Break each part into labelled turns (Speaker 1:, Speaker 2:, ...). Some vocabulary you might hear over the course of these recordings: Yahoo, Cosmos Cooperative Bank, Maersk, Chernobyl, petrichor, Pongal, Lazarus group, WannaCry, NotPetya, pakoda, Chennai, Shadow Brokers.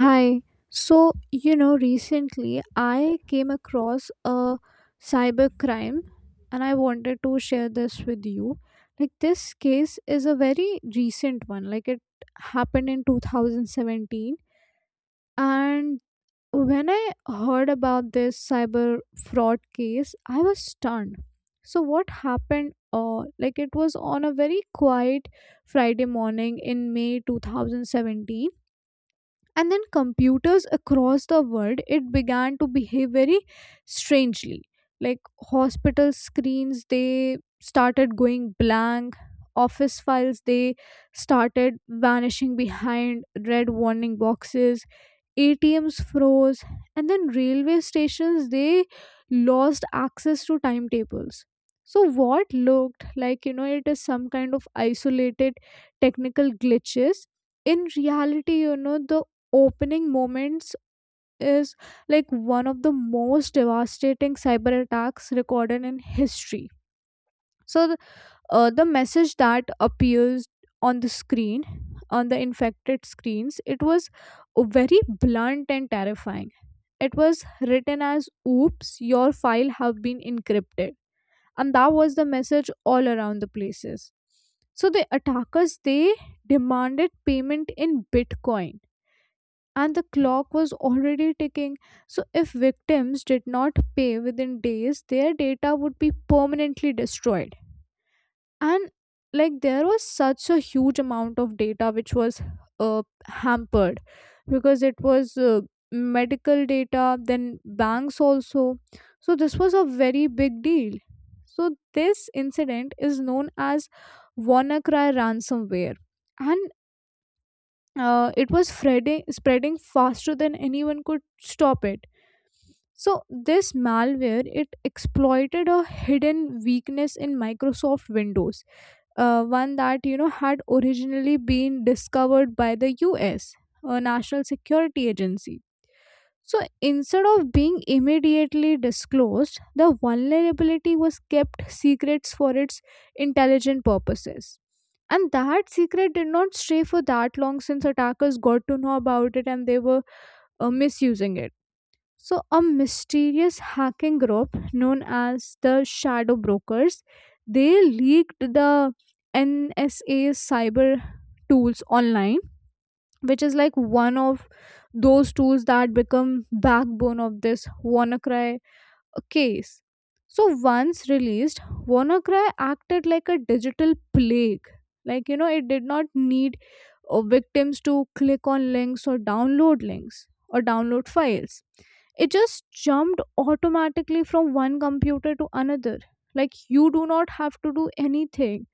Speaker 1: Hi. Recently I came across a cybercrime and I wanted to share this with you. This case is a very recent one. It happened in 2017. And when I heard about this cyber fraud case, I was stunned. So, what happened? It was on a very quiet Friday morning in May 2017, and then computers across the world it began to behave very strangely. Like, hospital screens, they started going blank. Office files, they started vanishing behind red warning boxes. ATMs froze, and then railway stations, they lost access to timetables. So, what looked like it is some kind of isolated technical glitches, in reality, the opening moments is like one of the most devastating cyber attacks recorded in history. So, the message that appears on the screen, on the infected screens, it was very blunt and terrifying. It was written as, "Oops, your file have been encrypted." And that was the message all around the places. So the attackers, they demanded payment in Bitcoin, and the clock was already ticking. So if victims did not pay within days, their data would be permanently destroyed. And like there was such a huge amount of data which was uh, hampered, because it was medical data, then banks also. So this was a very big deal. So this incident is known as WannaCry ransomware, and it was spreading faster than anyone could stop it. So this malware, it exploited a hidden weakness in Microsoft Windows, one that had originally been discovered by the US National Security Agency. So instead of being immediately disclosed, the vulnerability was kept secrets for its intelligent purposes. And that secret did not stay for that long, since attackers got to know about it and they were misusing it. So, a mysterious hacking group known as the Shadow Brokers, they leaked the NSA cyber tools online, which is like one of those tools that become backbone of this WannaCry case. So, once released, WannaCry acted like a digital plague. It did not need victims to click on links or download files. It just jumped automatically from one computer to another. Like, you do not have to do anything,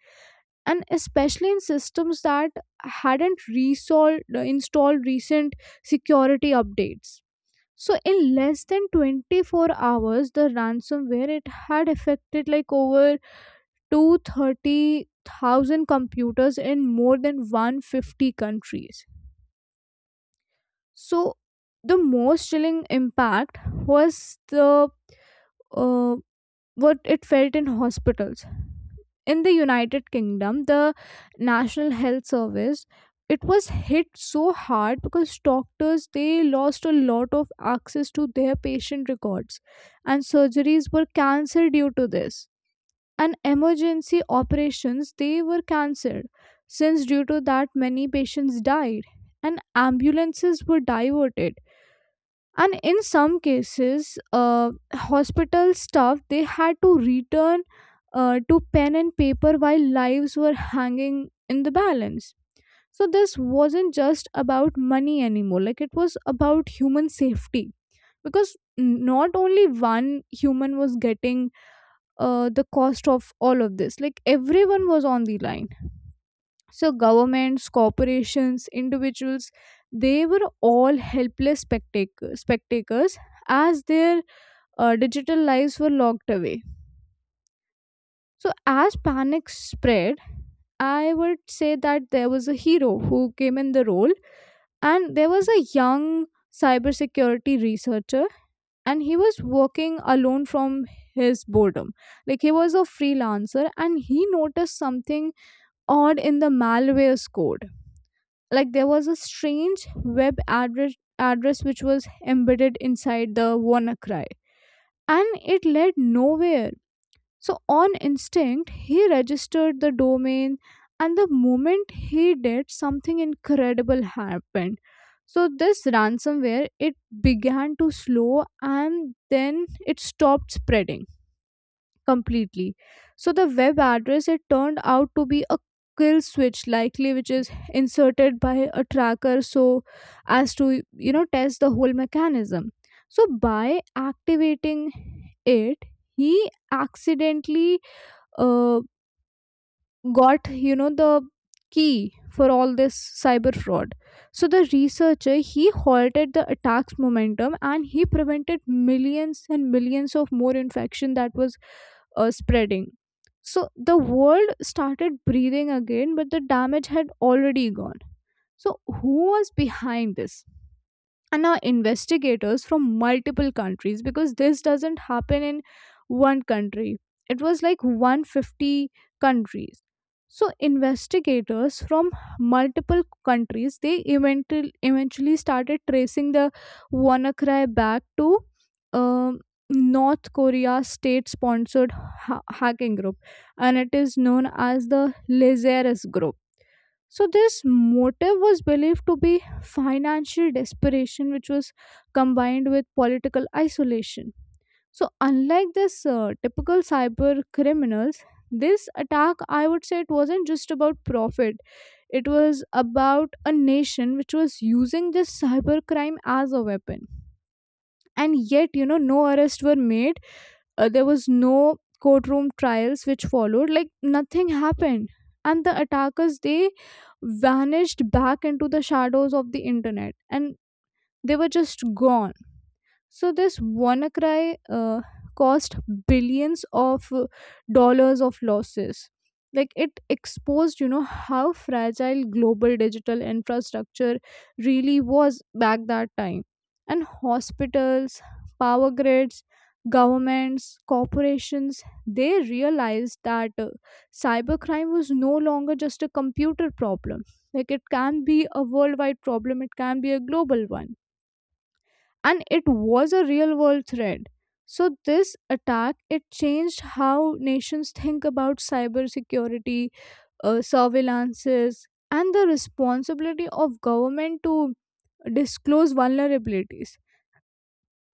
Speaker 1: and especially in systems that hadn't resolved installed recent security updates. So in less than 24 hours, the ransomware, it had affected like over 230,000 computers in more than 150 countries. So the most chilling impact was the uh, what it felt in hospitals. In the United Kingdom, the National Health Service, it was hit so hard because doctors, they lost a lot of access to their patient records, and surgeries were cancelled due to this, and emergency operations, they were cancelled. Since due to that, many patients died, and ambulances were diverted, and in some cases hospital staff, they had to return to pen and paper while lives were hanging in the balance. So this wasn't just about money anymore. Like, it was about human safety, because not only one human was getting the cost of all of this. Like, everyone was on the line. So governments, corporations, individuals, they were all helpless spectators as their digital lives were locked away. So, as panic spread, I would say that there was a hero who came in the role, and there was a young cybersecurity researcher, and he was working alone from his boredom. Like, he was a freelancer, and he noticed something odd in the malware's code. Like, there was a strange address which was embedded inside the WannaCry, and it led nowhere. So, on instinct, he registered the domain, and the moment he did, something incredible happened. So, this ransomware, it began to slow, and then it stopped spreading completely. So, the web address, it turned out to be a kill switch, likely which is inserted by a tracker so as to test the whole mechanism. So, by activating it, he accidentally uh, got the key for all this cyber fraud. So the researcher, he halted the attack's momentum, and he prevented millions and millions of more infection that was spreading. So the world started breathing again, but the damage had already gone. So who was behind this? And now investigators from multiple countries, because this doesn't happen in one country, it was like 150 countries. So investigators from multiple countries, they eventually started tracing the WannaCry back to um, North Korea state sponsored hacking group, and it is known as the Lazarus group. So, this motive was believed to be financial desperation, which was combined with political isolation. So, unlike this typical cyber criminals, this attack, I would say, it wasn't just about profit. It was about a nation which was using this cyber crime as a weapon. And yet, no arrests were made. There was no courtroom trials which followed. Like, nothing happened, and the attackers, they vanished back into the shadows of the internet, and they were just gone. So this WannaCry cost billions of dollars of losses. Like, it exposed, how fragile global digital infrastructure really was back that time. And hospitals, power grids, governments, corporations, they realized that cybercrime was no longer just a computer problem. Like, it can be a worldwide problem, it can be a global one, and it was a real world threat. So this attack, it changed how nations think about cybersecurity, surveillances, and the responsibility of government to disclose vulnerabilities.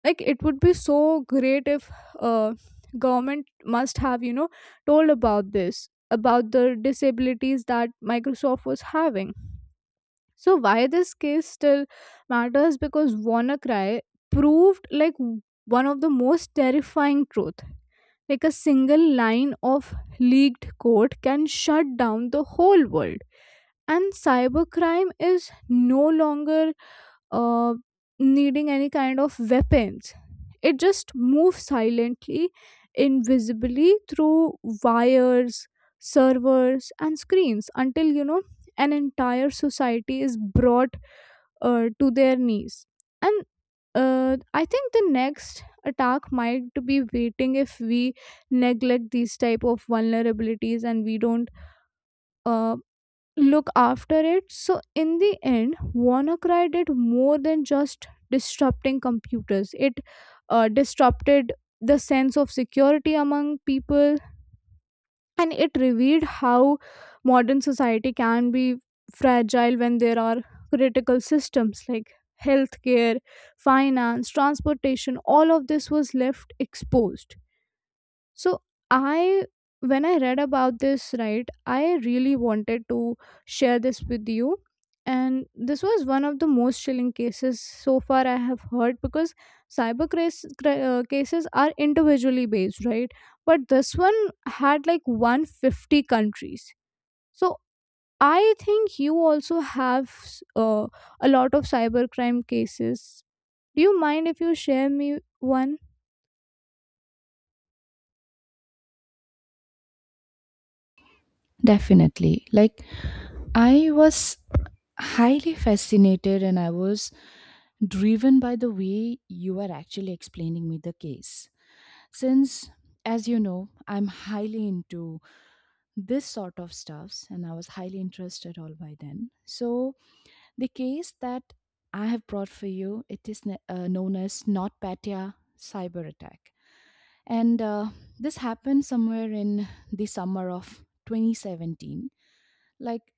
Speaker 1: Like, it would be so great if uh, government must have told about this, about the disabilities that Microsoft was having. So why this case still matters? Because WannaCry proved like one of the most terrifying truth. Like, a single line of leaked code can shut down the whole world. And cybercrime is no longer uh, needing any kind of weapons. It just moves silently, invisibly through wires, servers, and screens until an entire society is brought to their knees. And I think the next attack might be waiting if we neglect these type of vulnerabilities and we don't uh, look after it. So, in the end, WannaCry did more than just disrupting computers. It disrupted the sense of security among people, and it revealed how modern society can be fragile when there are critical systems like healthcare, finance, transportation. All of this was left exposed. So I when I read about this, right, I really wanted to share this with you. And this was one of the most chilling cases so far I have heard, because cases are individually based, right? But this one had like 150 countries. So I think you also have a lot of cybercrime cases. Do you mind if you share me one?
Speaker 2: Definitely. I was highly fascinated and I was driven by the way you are actually explaining me the case. Since, as you know, I'm highly into this sort of stuffs and I was highly interested all by then. So, the case that I have brought for you, it is known as NotPetya cyber attack. And This happened somewhere in the summer of 2017. Like,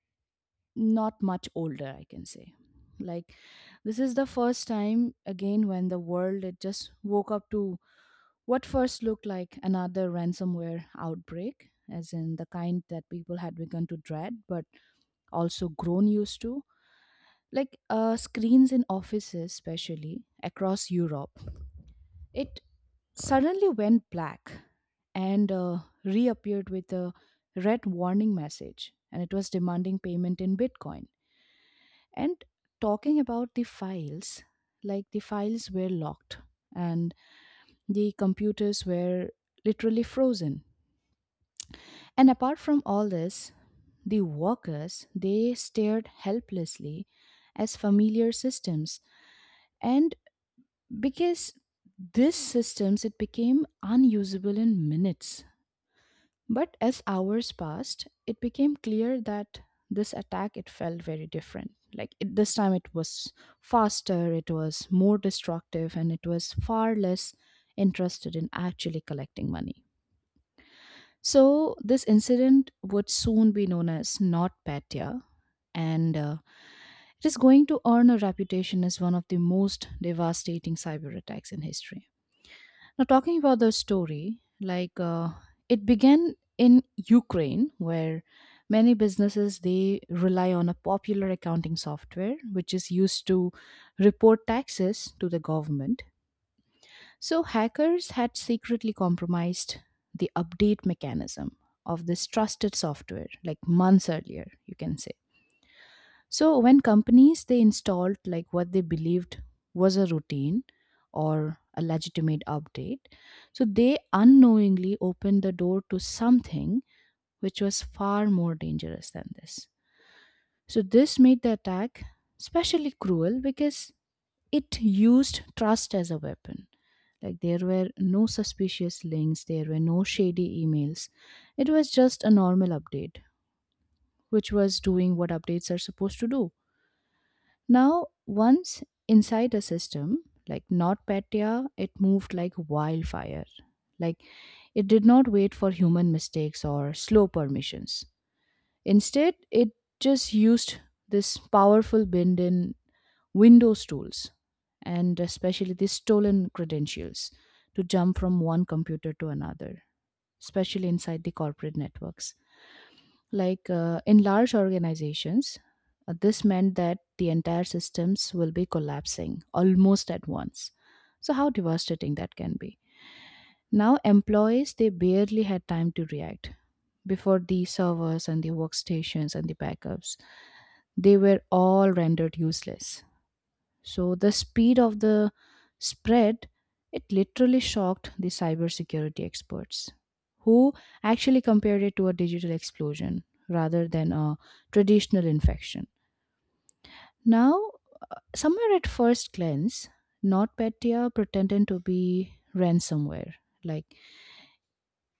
Speaker 2: not much older I can say like this is the first time again when the world it just woke up to what first looked like another ransomware outbreak as in the kind that people had begun to dread but also grown used to. Screens in offices, especially across Europe, it suddenly went black and reappeared with a red warning message, and it was demanding payment in Bitcoin. And talking about the files, like the files were locked and the computers were literally frozen. And apart from all this, the workers they stared helplessly as familiar systems, and because these systems it became unusable in minutes. But as hours passed, it became clear that this attack it felt very different. This time it was faster, it was more destructive, and it was far less interested in actually collecting money. So this incident would soon be known as NotPetya, and it is going to earn a reputation as one of the most devastating cyber attacks in history. Now, talking about the story, it began in Ukraine, where many businesses they rely on a popular accounting software which is used to report taxes to the government. So hackers had secretly compromised the update mechanism of this trusted software, like months earlier, you can say. So when companies they installed like what they believed was a routine or a legitimate update, so they unknowingly opened the door to something which was far more dangerous than this. So this made the attack especially cruel because it used trust as a weapon. Like there were no suspicious links, there were no shady emails. It was just a normal update, which was doing what updates are supposed to do. Now, once inside a system like NotPetya, it moved like wildfire. Like it did not wait for human mistakes or slow permissions. Instead, it just used this powerful bend in Windows tools and especially the stolen credentials to jump from one computer to another, especially inside the corporate networks. In large organizations, this meant that the entire systems will be collapsing almost at once. So, how devastating that can be. Now, employees, they barely had time to react before the servers and the workstations and the backups. They were all rendered useless. So the speed of the spread it literally shocked the cybersecurity experts who actually compared it to a digital explosion rather than a traditional infection. Now, somewhere at first glance, NotPetya pretended to be ransomware. Like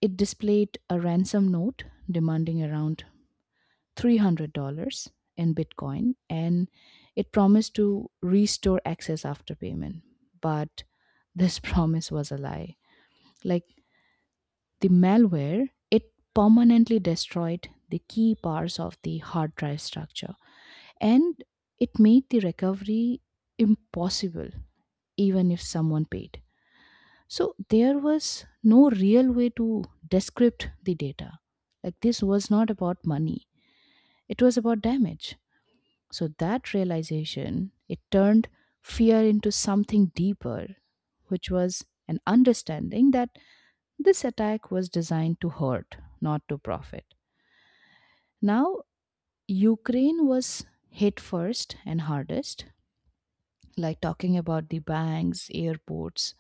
Speaker 2: it displayed a ransom note demanding around $300 in Bitcoin, and it promised to restore access after payment. But this promise was a lie. Like the malware, it permanently destroyed the key parts of the hard drive structure, and it made the recovery impossible even if someone paid. So there was no real way to decrypt the data. Like this was not about money, it was about damage. So that realization, it turned fear into something deeper, which was an understanding that this attack was designed to hurt, not to profit. Now, Ukraine was hit first and hardest, like talking about the banks, airports,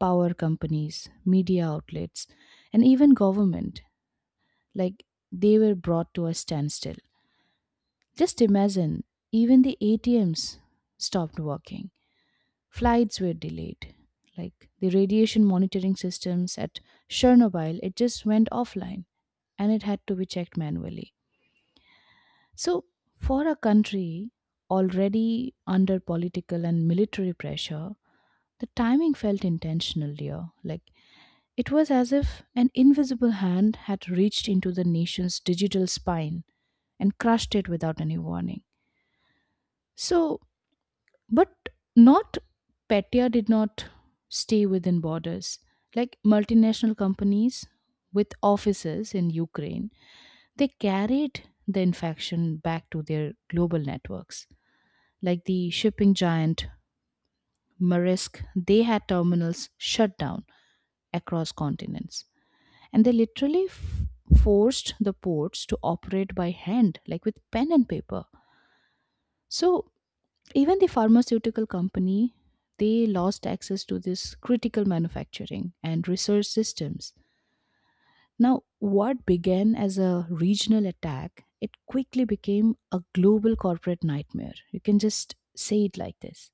Speaker 2: power companies, media outlets, and even government. Like they were brought to a standstill. Just imagine, even the ATMs stopped working. Flights were delayed. Like the radiation monitoring systems at Chernobyl, it just went offline and it had to be checked manually. So, for a country already under political and military pressure, the timing felt intentional, dear. Like it was as if an invisible hand had reached into the nation's digital spine and crushed it without any warning. So, But not Petya did not stay within borders. Like multinational companies with offices in Ukraine, they carried the infection back to their global networks. Like the shipping giant Maersk, they had terminals shut down across continents. And they literally forced the ports to operate by hand, like with pen and paper. So even the pharmaceutical company, they lost access to this critical manufacturing and research systems. Now, what began as a regional attack, it quickly became a global corporate nightmare. You can just say it like this.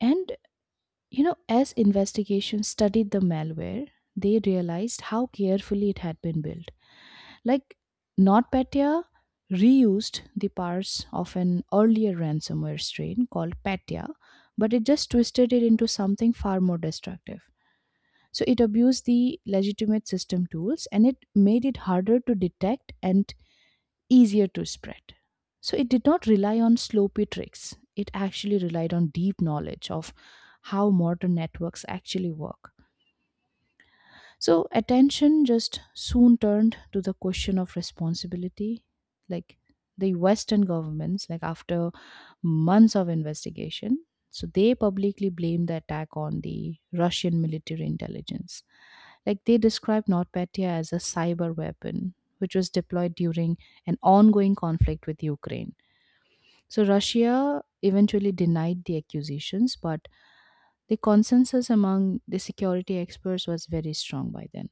Speaker 2: And, you know, as investigations studied the malware, they realized how carefully it had been built. Like NotPetya reused the parts of an earlier ransomware strain called Petya, but it just twisted it into something far more destructive. So it abused the legitimate system tools and it made it harder to detect and easier to spread. So it did not rely on sloppy tricks. It actually relied on deep knowledge of how modern networks actually work. So attention just soon turned to the question of responsibility. Like the Western governments, like after months of investigation, so they publicly blamed the attack on the Russian military intelligence. Like they described NotPetya as a cyber weapon, which was deployed during an ongoing conflict with Ukraine. So Russia eventually denied the accusations, but the consensus among the security experts was very strong by then.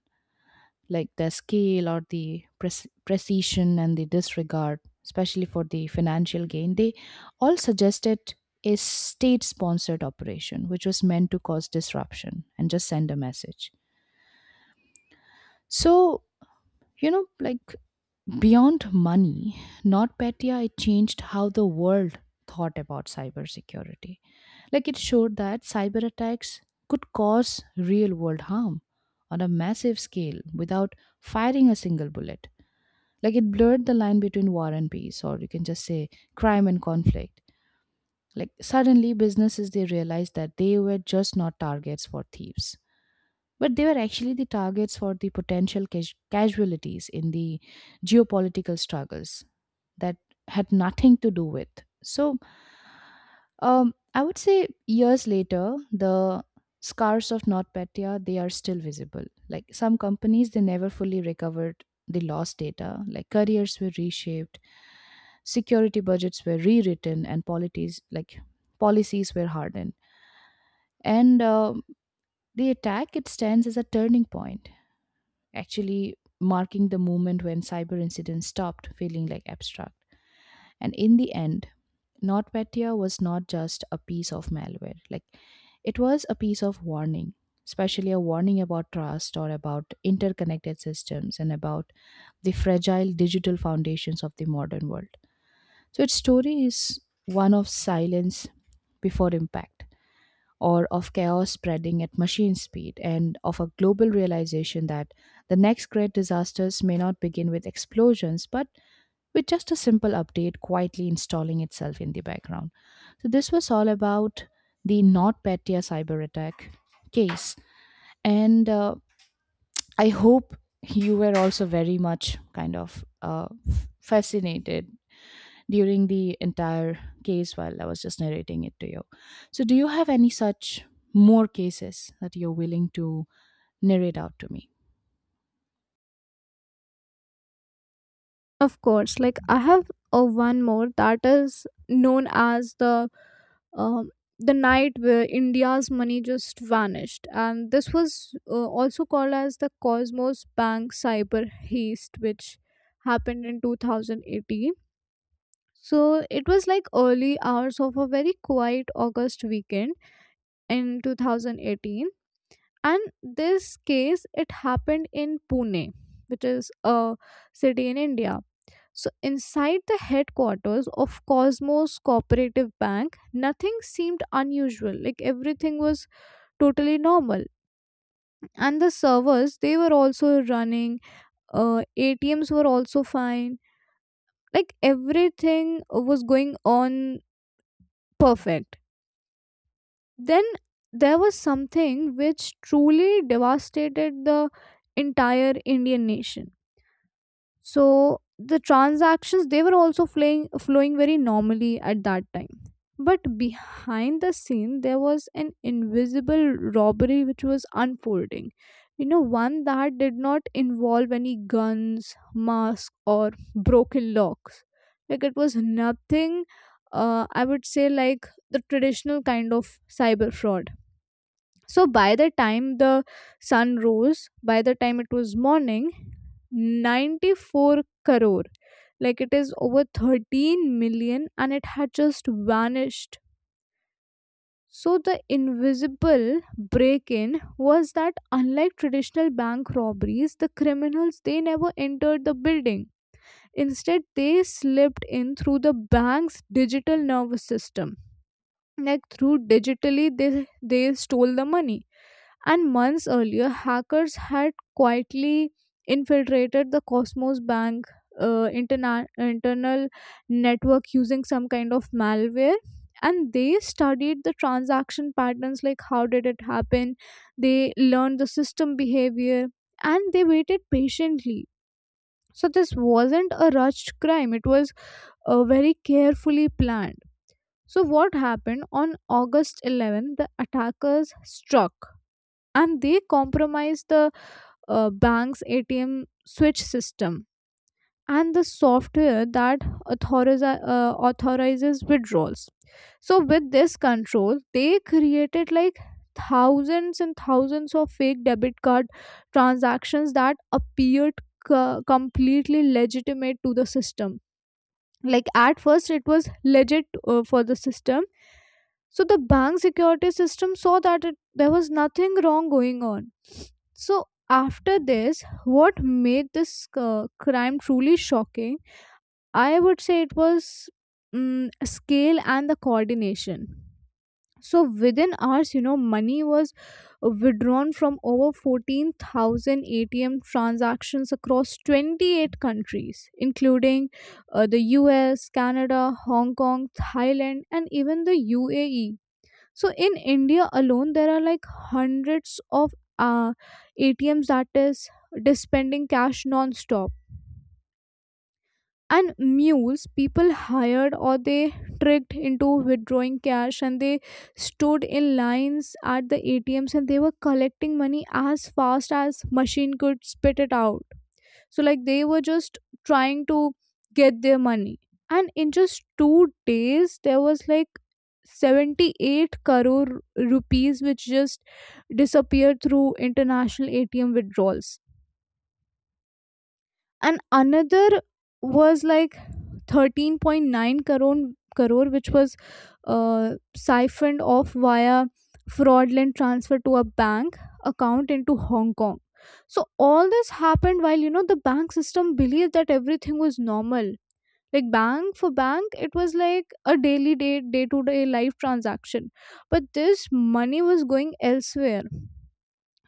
Speaker 2: Like the scale or the precision and the disregard, especially for the financial gain, they all suggested a state sponsored operation, which was meant to cause disruption and just send a message. So, you know, like beyond money, NotPetya, it changed how the world thought about cybersecurity. Like it showed that cyber attacks could cause real world harm on a massive scale without firing a single bullet. Like it blurred the line between war and peace, or you can just say crime and conflict. Like suddenly, businesses they realized that they were just not targets for thieves. But they were actually the targets for the potential casualties in the geopolitical struggles that had nothing to do with. So, I would say years later, the scars of NotPetya they are still visible. Like some companies, they never fully recovered the lost data. Like careers were reshaped, security budgets were rewritten, and policies were hardened. And The attack it stands as a turning point, actually marking the moment when cyber incidents stopped feeling like abstract. And in the end, NotPetya was not just a piece of malware, like it was a piece of warning, especially a warning about trust or about interconnected systems and about the fragile digital foundations of the modern world. So its story is one of silence before impact, or of chaos spreading at machine speed, and of a global realization that the next great disasters may not begin with explosions, but with just a simple update quietly installing itself in the background. So, this was all about the NotPetya cyber attack case. And I hope you were also very much kind of fascinated during the entire case while I was just narrating it to you. So, do you have any such more cases that you're willing to narrate out to me?
Speaker 1: Of course, like, I have a one more that is known as um, the night where India's money just vanished, and this was also called as the Cosmos Bank cyber heist, which happened in 2018. So it was like early hours of a very quiet August weekend in 2018, and this case, it happened in Pune, which is a city in India. So, inside the headquarters of Cosmos Cooperative Bank, nothing seemed unusual. Like, everything was totally normal. And the servers, they were also running, ATMs were also fine. Like, everything was going on perfect. Then there was something which truly devastated the entire Indian nation. So the transactions, they were also flowing very normally at that time, but behind the scene, there was an invisible robbery which was unfolding. One that did not involve any guns, masks, or broken locks. Like, it was nothing, I would say, like the traditional kind of cyber fraud. So by the time the sun rose, by the time it was morning, 94 crore. Like, it is over 13 million, and it had just vanished. So the invisible break in was that, unlike traditional bank robberies, the criminals, they never entered the building. Instead, they slipped in through the bank's digital nervous system. Like, through digitally, they stole the money. And months earlier, hackers had quietly infiltrated the Cosmos Bank internal network using some kind of malware. And they studied the transaction patterns, like how did it happen, they learned the system behavior, and they waited patiently. So, this wasn't a rushed crime, it was very carefully planned. So, what happened on August 11th? The attackers struck, and they compromised the bank's ATM switch system and the software that authorizes withdrawals. So, with this control, they created like thousands and thousands of fake debit card transactions that appeared completely legitimate to the system. Like at first it was legit, for the system. So the bank security system saw that, there was nothing wrong going on. So after this, what made this crime truly shocking, I would say it was scale and the coordination. So within hours, money was withdrawn from over 14,000 ATM transactions across 28 countries, including the US, Canada, Hong Kong, Thailand, and even the UAE. So in India alone, there are like hundreds of uh, ATMs that is dispensing cash non-stop, and mules, people hired or they tricked into withdrawing cash, and they stood in lines at the ATMs and they were collecting money as fast as machine could spit it out. So like they were just trying to get their money, and in just 2 days there was like 78 crore rupees which just disappeared through international ATM withdrawals. And another was like 13.9 crore which was siphoned off via fraudulent transfer to a bank account into Hong Kong. So all this happened while, the bank system believed that everything was normal. Like bank for bank, it was like a daily day to day life transaction, but this money was going elsewhere.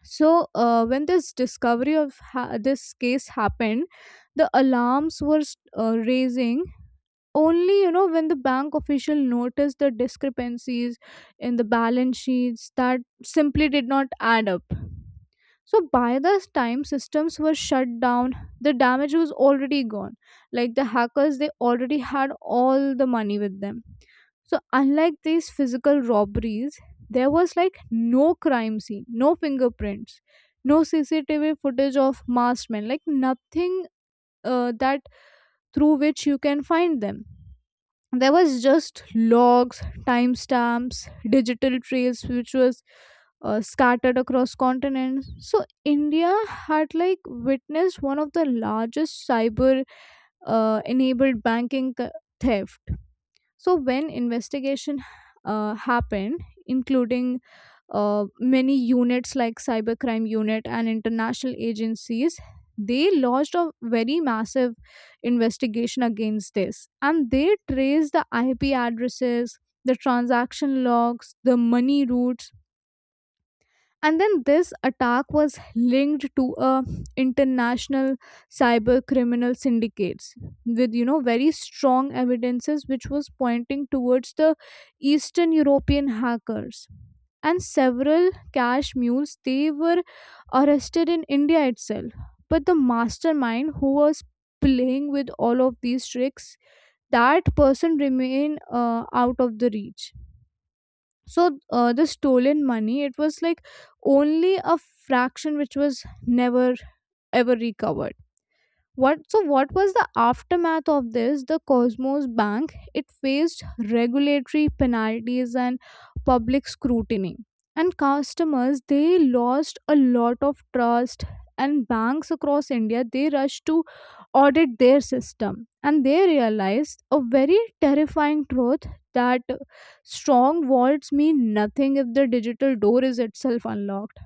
Speaker 1: So when this discovery this case happened, the alarms were raising only, when the bank official noticed the discrepancies in the balance sheets that simply did not add up. So by this time, systems were shut down, the damage was already gone. Like the hackers, they already had all the money with them. So, unlike these physical robberies, there was like no crime scene, no fingerprints, no CCTV footage of masked men, like nothing that through which you can find them. There was just logs, timestamps, digital trails which was scattered across continents. So India had like witnessed one of the largest cyber enabled banking theft. So when investigation happened, including many units like cybercrime unit and international agencies, they launched a very massive investigation against this, and they traced the IP addresses, the transaction logs, the money routes. And then this attack was linked to a international cyber criminal syndicates, with very strong evidences which was pointing towards the Eastern European hackers. And several cash mules, they were arrested in India itself, but the mastermind who was playing with all of these tricks, that person remained out of the reach. So the stolen money, it was like only a fraction which was never ever recovered. What so what was the aftermath of this? The Cosmos Bank, it faced regulatory penalties and public scrutiny. And customers, they lost a lot of trust, and banks across India, they rushed to audit their system, and they realized a very terrifying truth: that strong vaults mean nothing if the digital door is itself unlocked.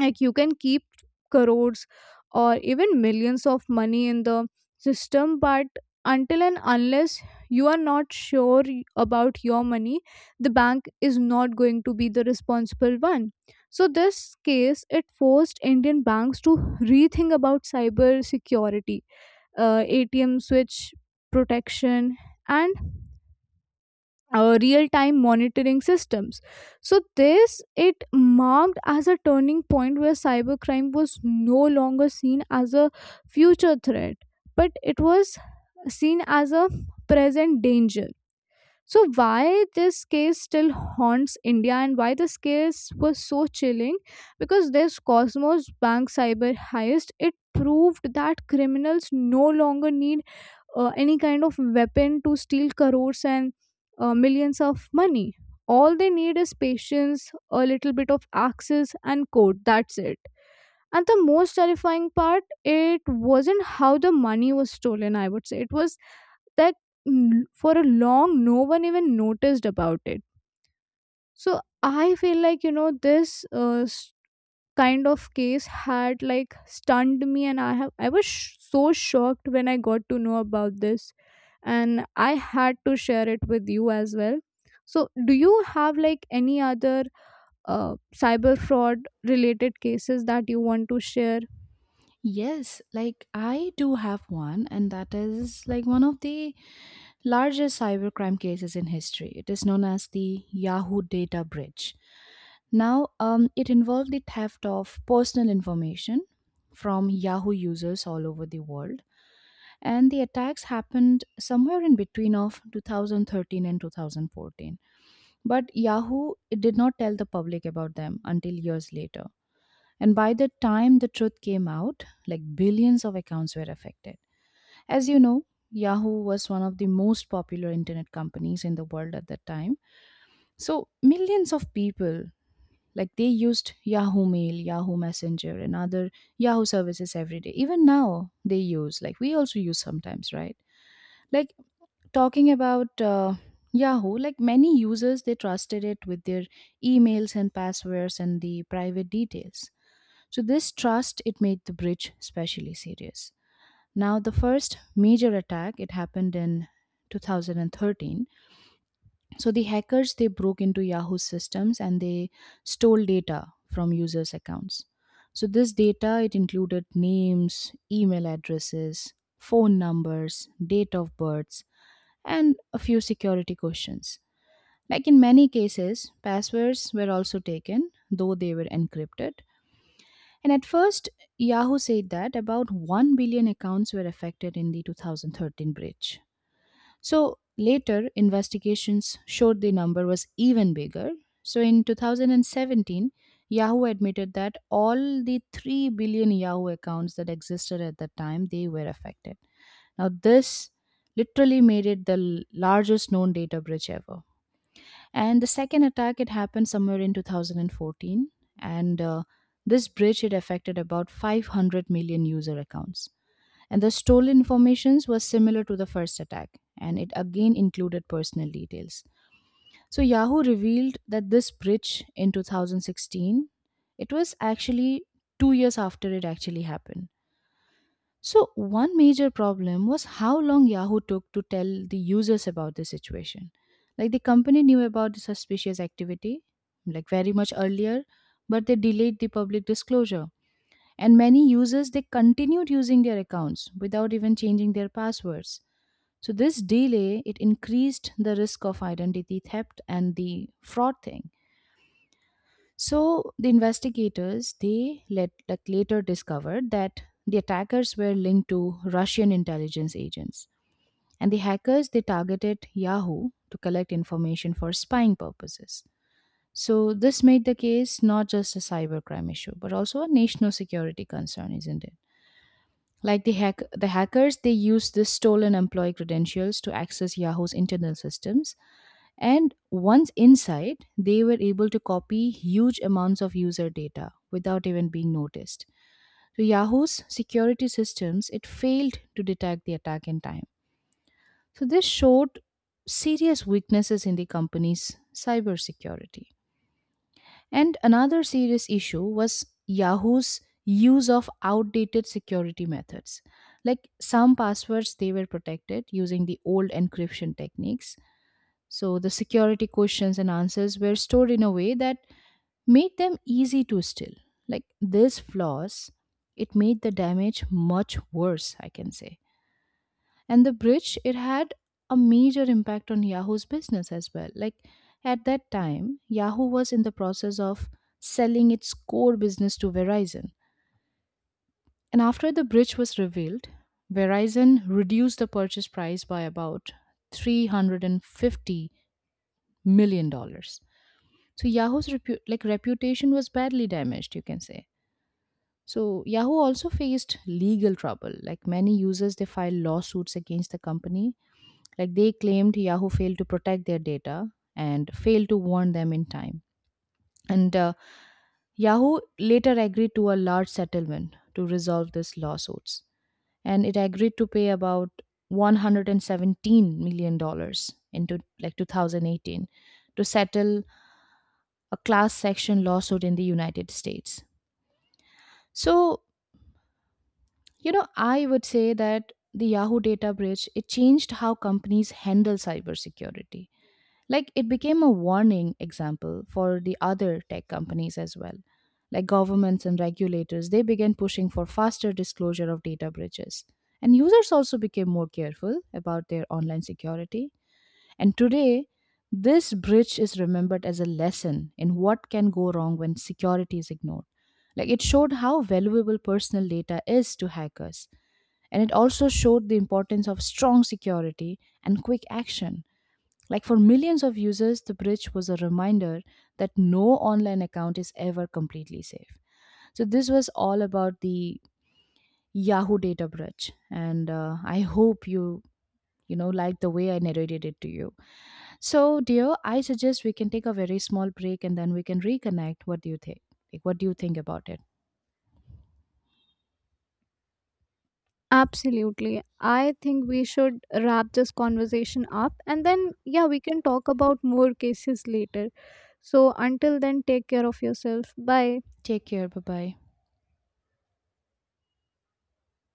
Speaker 1: Like you can keep crores or even millions of money in the system, but until and unless you are not sure about your money, the bank is not going to be the responsible one. So this case, it forced Indian banks to rethink about cyber security, ATM switch protection, and real time monitoring systems. So this, it marked as a turning point where cybercrime was no longer seen as a future threat, but it was seen as a present danger. So why this case still haunts India, and why this case was so chilling, because this Cosmos Bank cyber heist, it proved that criminals no longer need any kind of weapon to steal crores and millions of money. All they need is patience, a little bit of axes, and code. That's it. And the most terrifying part, it wasn't how the money was stolen, I would say. It was that, for a long, no one even noticed about it. So I feel like this kind of case had like stunned me, and I was so shocked when I got to know about this, and I had to share it with you as well. So do you have like any other uh, cyber fraud related cases that you want to share?
Speaker 2: Yes, like I do have one, and that is like one of the largest cybercrime cases in history. It is known as the Yahoo data breach. Now, it involved the theft of personal information from Yahoo users all over the world, and the attacks happened somewhere in between of 2013 and 2014, but Yahoo it did not tell the public about them until years later. And by the time the truth came out, like billions of accounts were affected. As you know, Yahoo was one of the most popular internet companies in the world at that time. So millions of people, like they used Yahoo Mail, Yahoo Messenger, and other Yahoo services every day. Even now they use, like we also use sometimes, right? Like talking about Yahoo, like many users, they trusted it with their emails and passwords and the private details. So this trust it made the breach especially serious. Now the first major attack it happened in 2013. So the hackers they broke into Yahoo's systems and they stole data from users' accounts. So this data it included names, email addresses, phone numbers, date of births, and a few security questions. Like in many cases, passwords were also taken, though they were encrypted. And at first, Yahoo said that about 1 billion accounts were affected in the 2013 breach. So later, investigations showed the number was even bigger. So in 2017, Yahoo admitted that all the 3 billion Yahoo accounts that existed at that time they were affected. Now, this literally made it the largest known data breach ever. And the second attack, it happened somewhere in 2014. And This breach, it affected about 500 million user accounts. And the stolen informations was similar to the first attack. And it again included personal details. So Yahoo revealed that this breach in 2016, it was actually 2 years after it actually happened. So, one major problem was how long Yahoo took to tell the users about the situation. Like, the company knew about the suspicious activity, like, very much earlier, but they delayed the public disclosure. And many users, they continued using their accounts without even changing their passwords. So, this delay, it increased the risk of identity theft and the fraud thing. So the investigators they let, like, later discovered that the attackers were linked to Russian intelligence agents, and the hackers they targeted Yahoo to collect information for spying purposes. So this made the case not just a cybercrime issue, but also a national security concern, isn't it? Like the hackers they used the stolen employee credentials to access Yahoo's internal systems and once inside, they were able to copy huge amounts of user data without even being noticed. So Yahoo's security systems it failed to detect the attack in time. So this showed serious weaknesses in the company's cybersecurity. And another serious issue was Yahoo's use of outdated security methods. Like some passwords they were protected using the old encryption techniques, so the security questions and answers were stored in a way that made them easy to steal. Like this flaws, it made the damage much worse, I can say. And the breach it had a major impact on Yahoo's business as well. Like at that time, Yahoo was in the process of selling its core business to Verizon. And after the breach was revealed, Verizon reduced the purchase price by about $350 million. Dollars. So Yahoo's like reputation was badly damaged, you can say. So Yahoo also faced legal trouble. Like many users, they filed lawsuits against the company. Like they claimed Yahoo failed to protect their data and failed to warn them in time. And Yahoo later agreed to a large settlement to resolve these lawsuits, and it agreed to pay about $117 million into like 2018 to settle a class section lawsuit in the United States. So, I would say that the Yahoo data breach it changed how companies handle cybersecurity. Like it became a warning example for the other tech companies as well. Like governments and regulators, they began pushing for faster disclosure of data breaches. And users also became more careful about their online security. And today, this bridge is remembered as a lesson in what can go wrong when security is ignored. Like it showed how valuable personal data is to hackers. And it also showed the importance of strong security and quick action. Like for millions of users, the bridge was a reminder that no online account is ever completely safe. So, this was all about the Yahoo data bridge. And I hope you like the way I narrated it to you. So, dear, I suggest we can take a very small break and then we can reconnect. What do you think? Like, what do you think about it?
Speaker 1: Absolutely. I think we should wrap this conversation up, and then, yeah, we can talk about more cases later. So, until then, take care of yourself. Bye.
Speaker 2: Take care. Bye bye.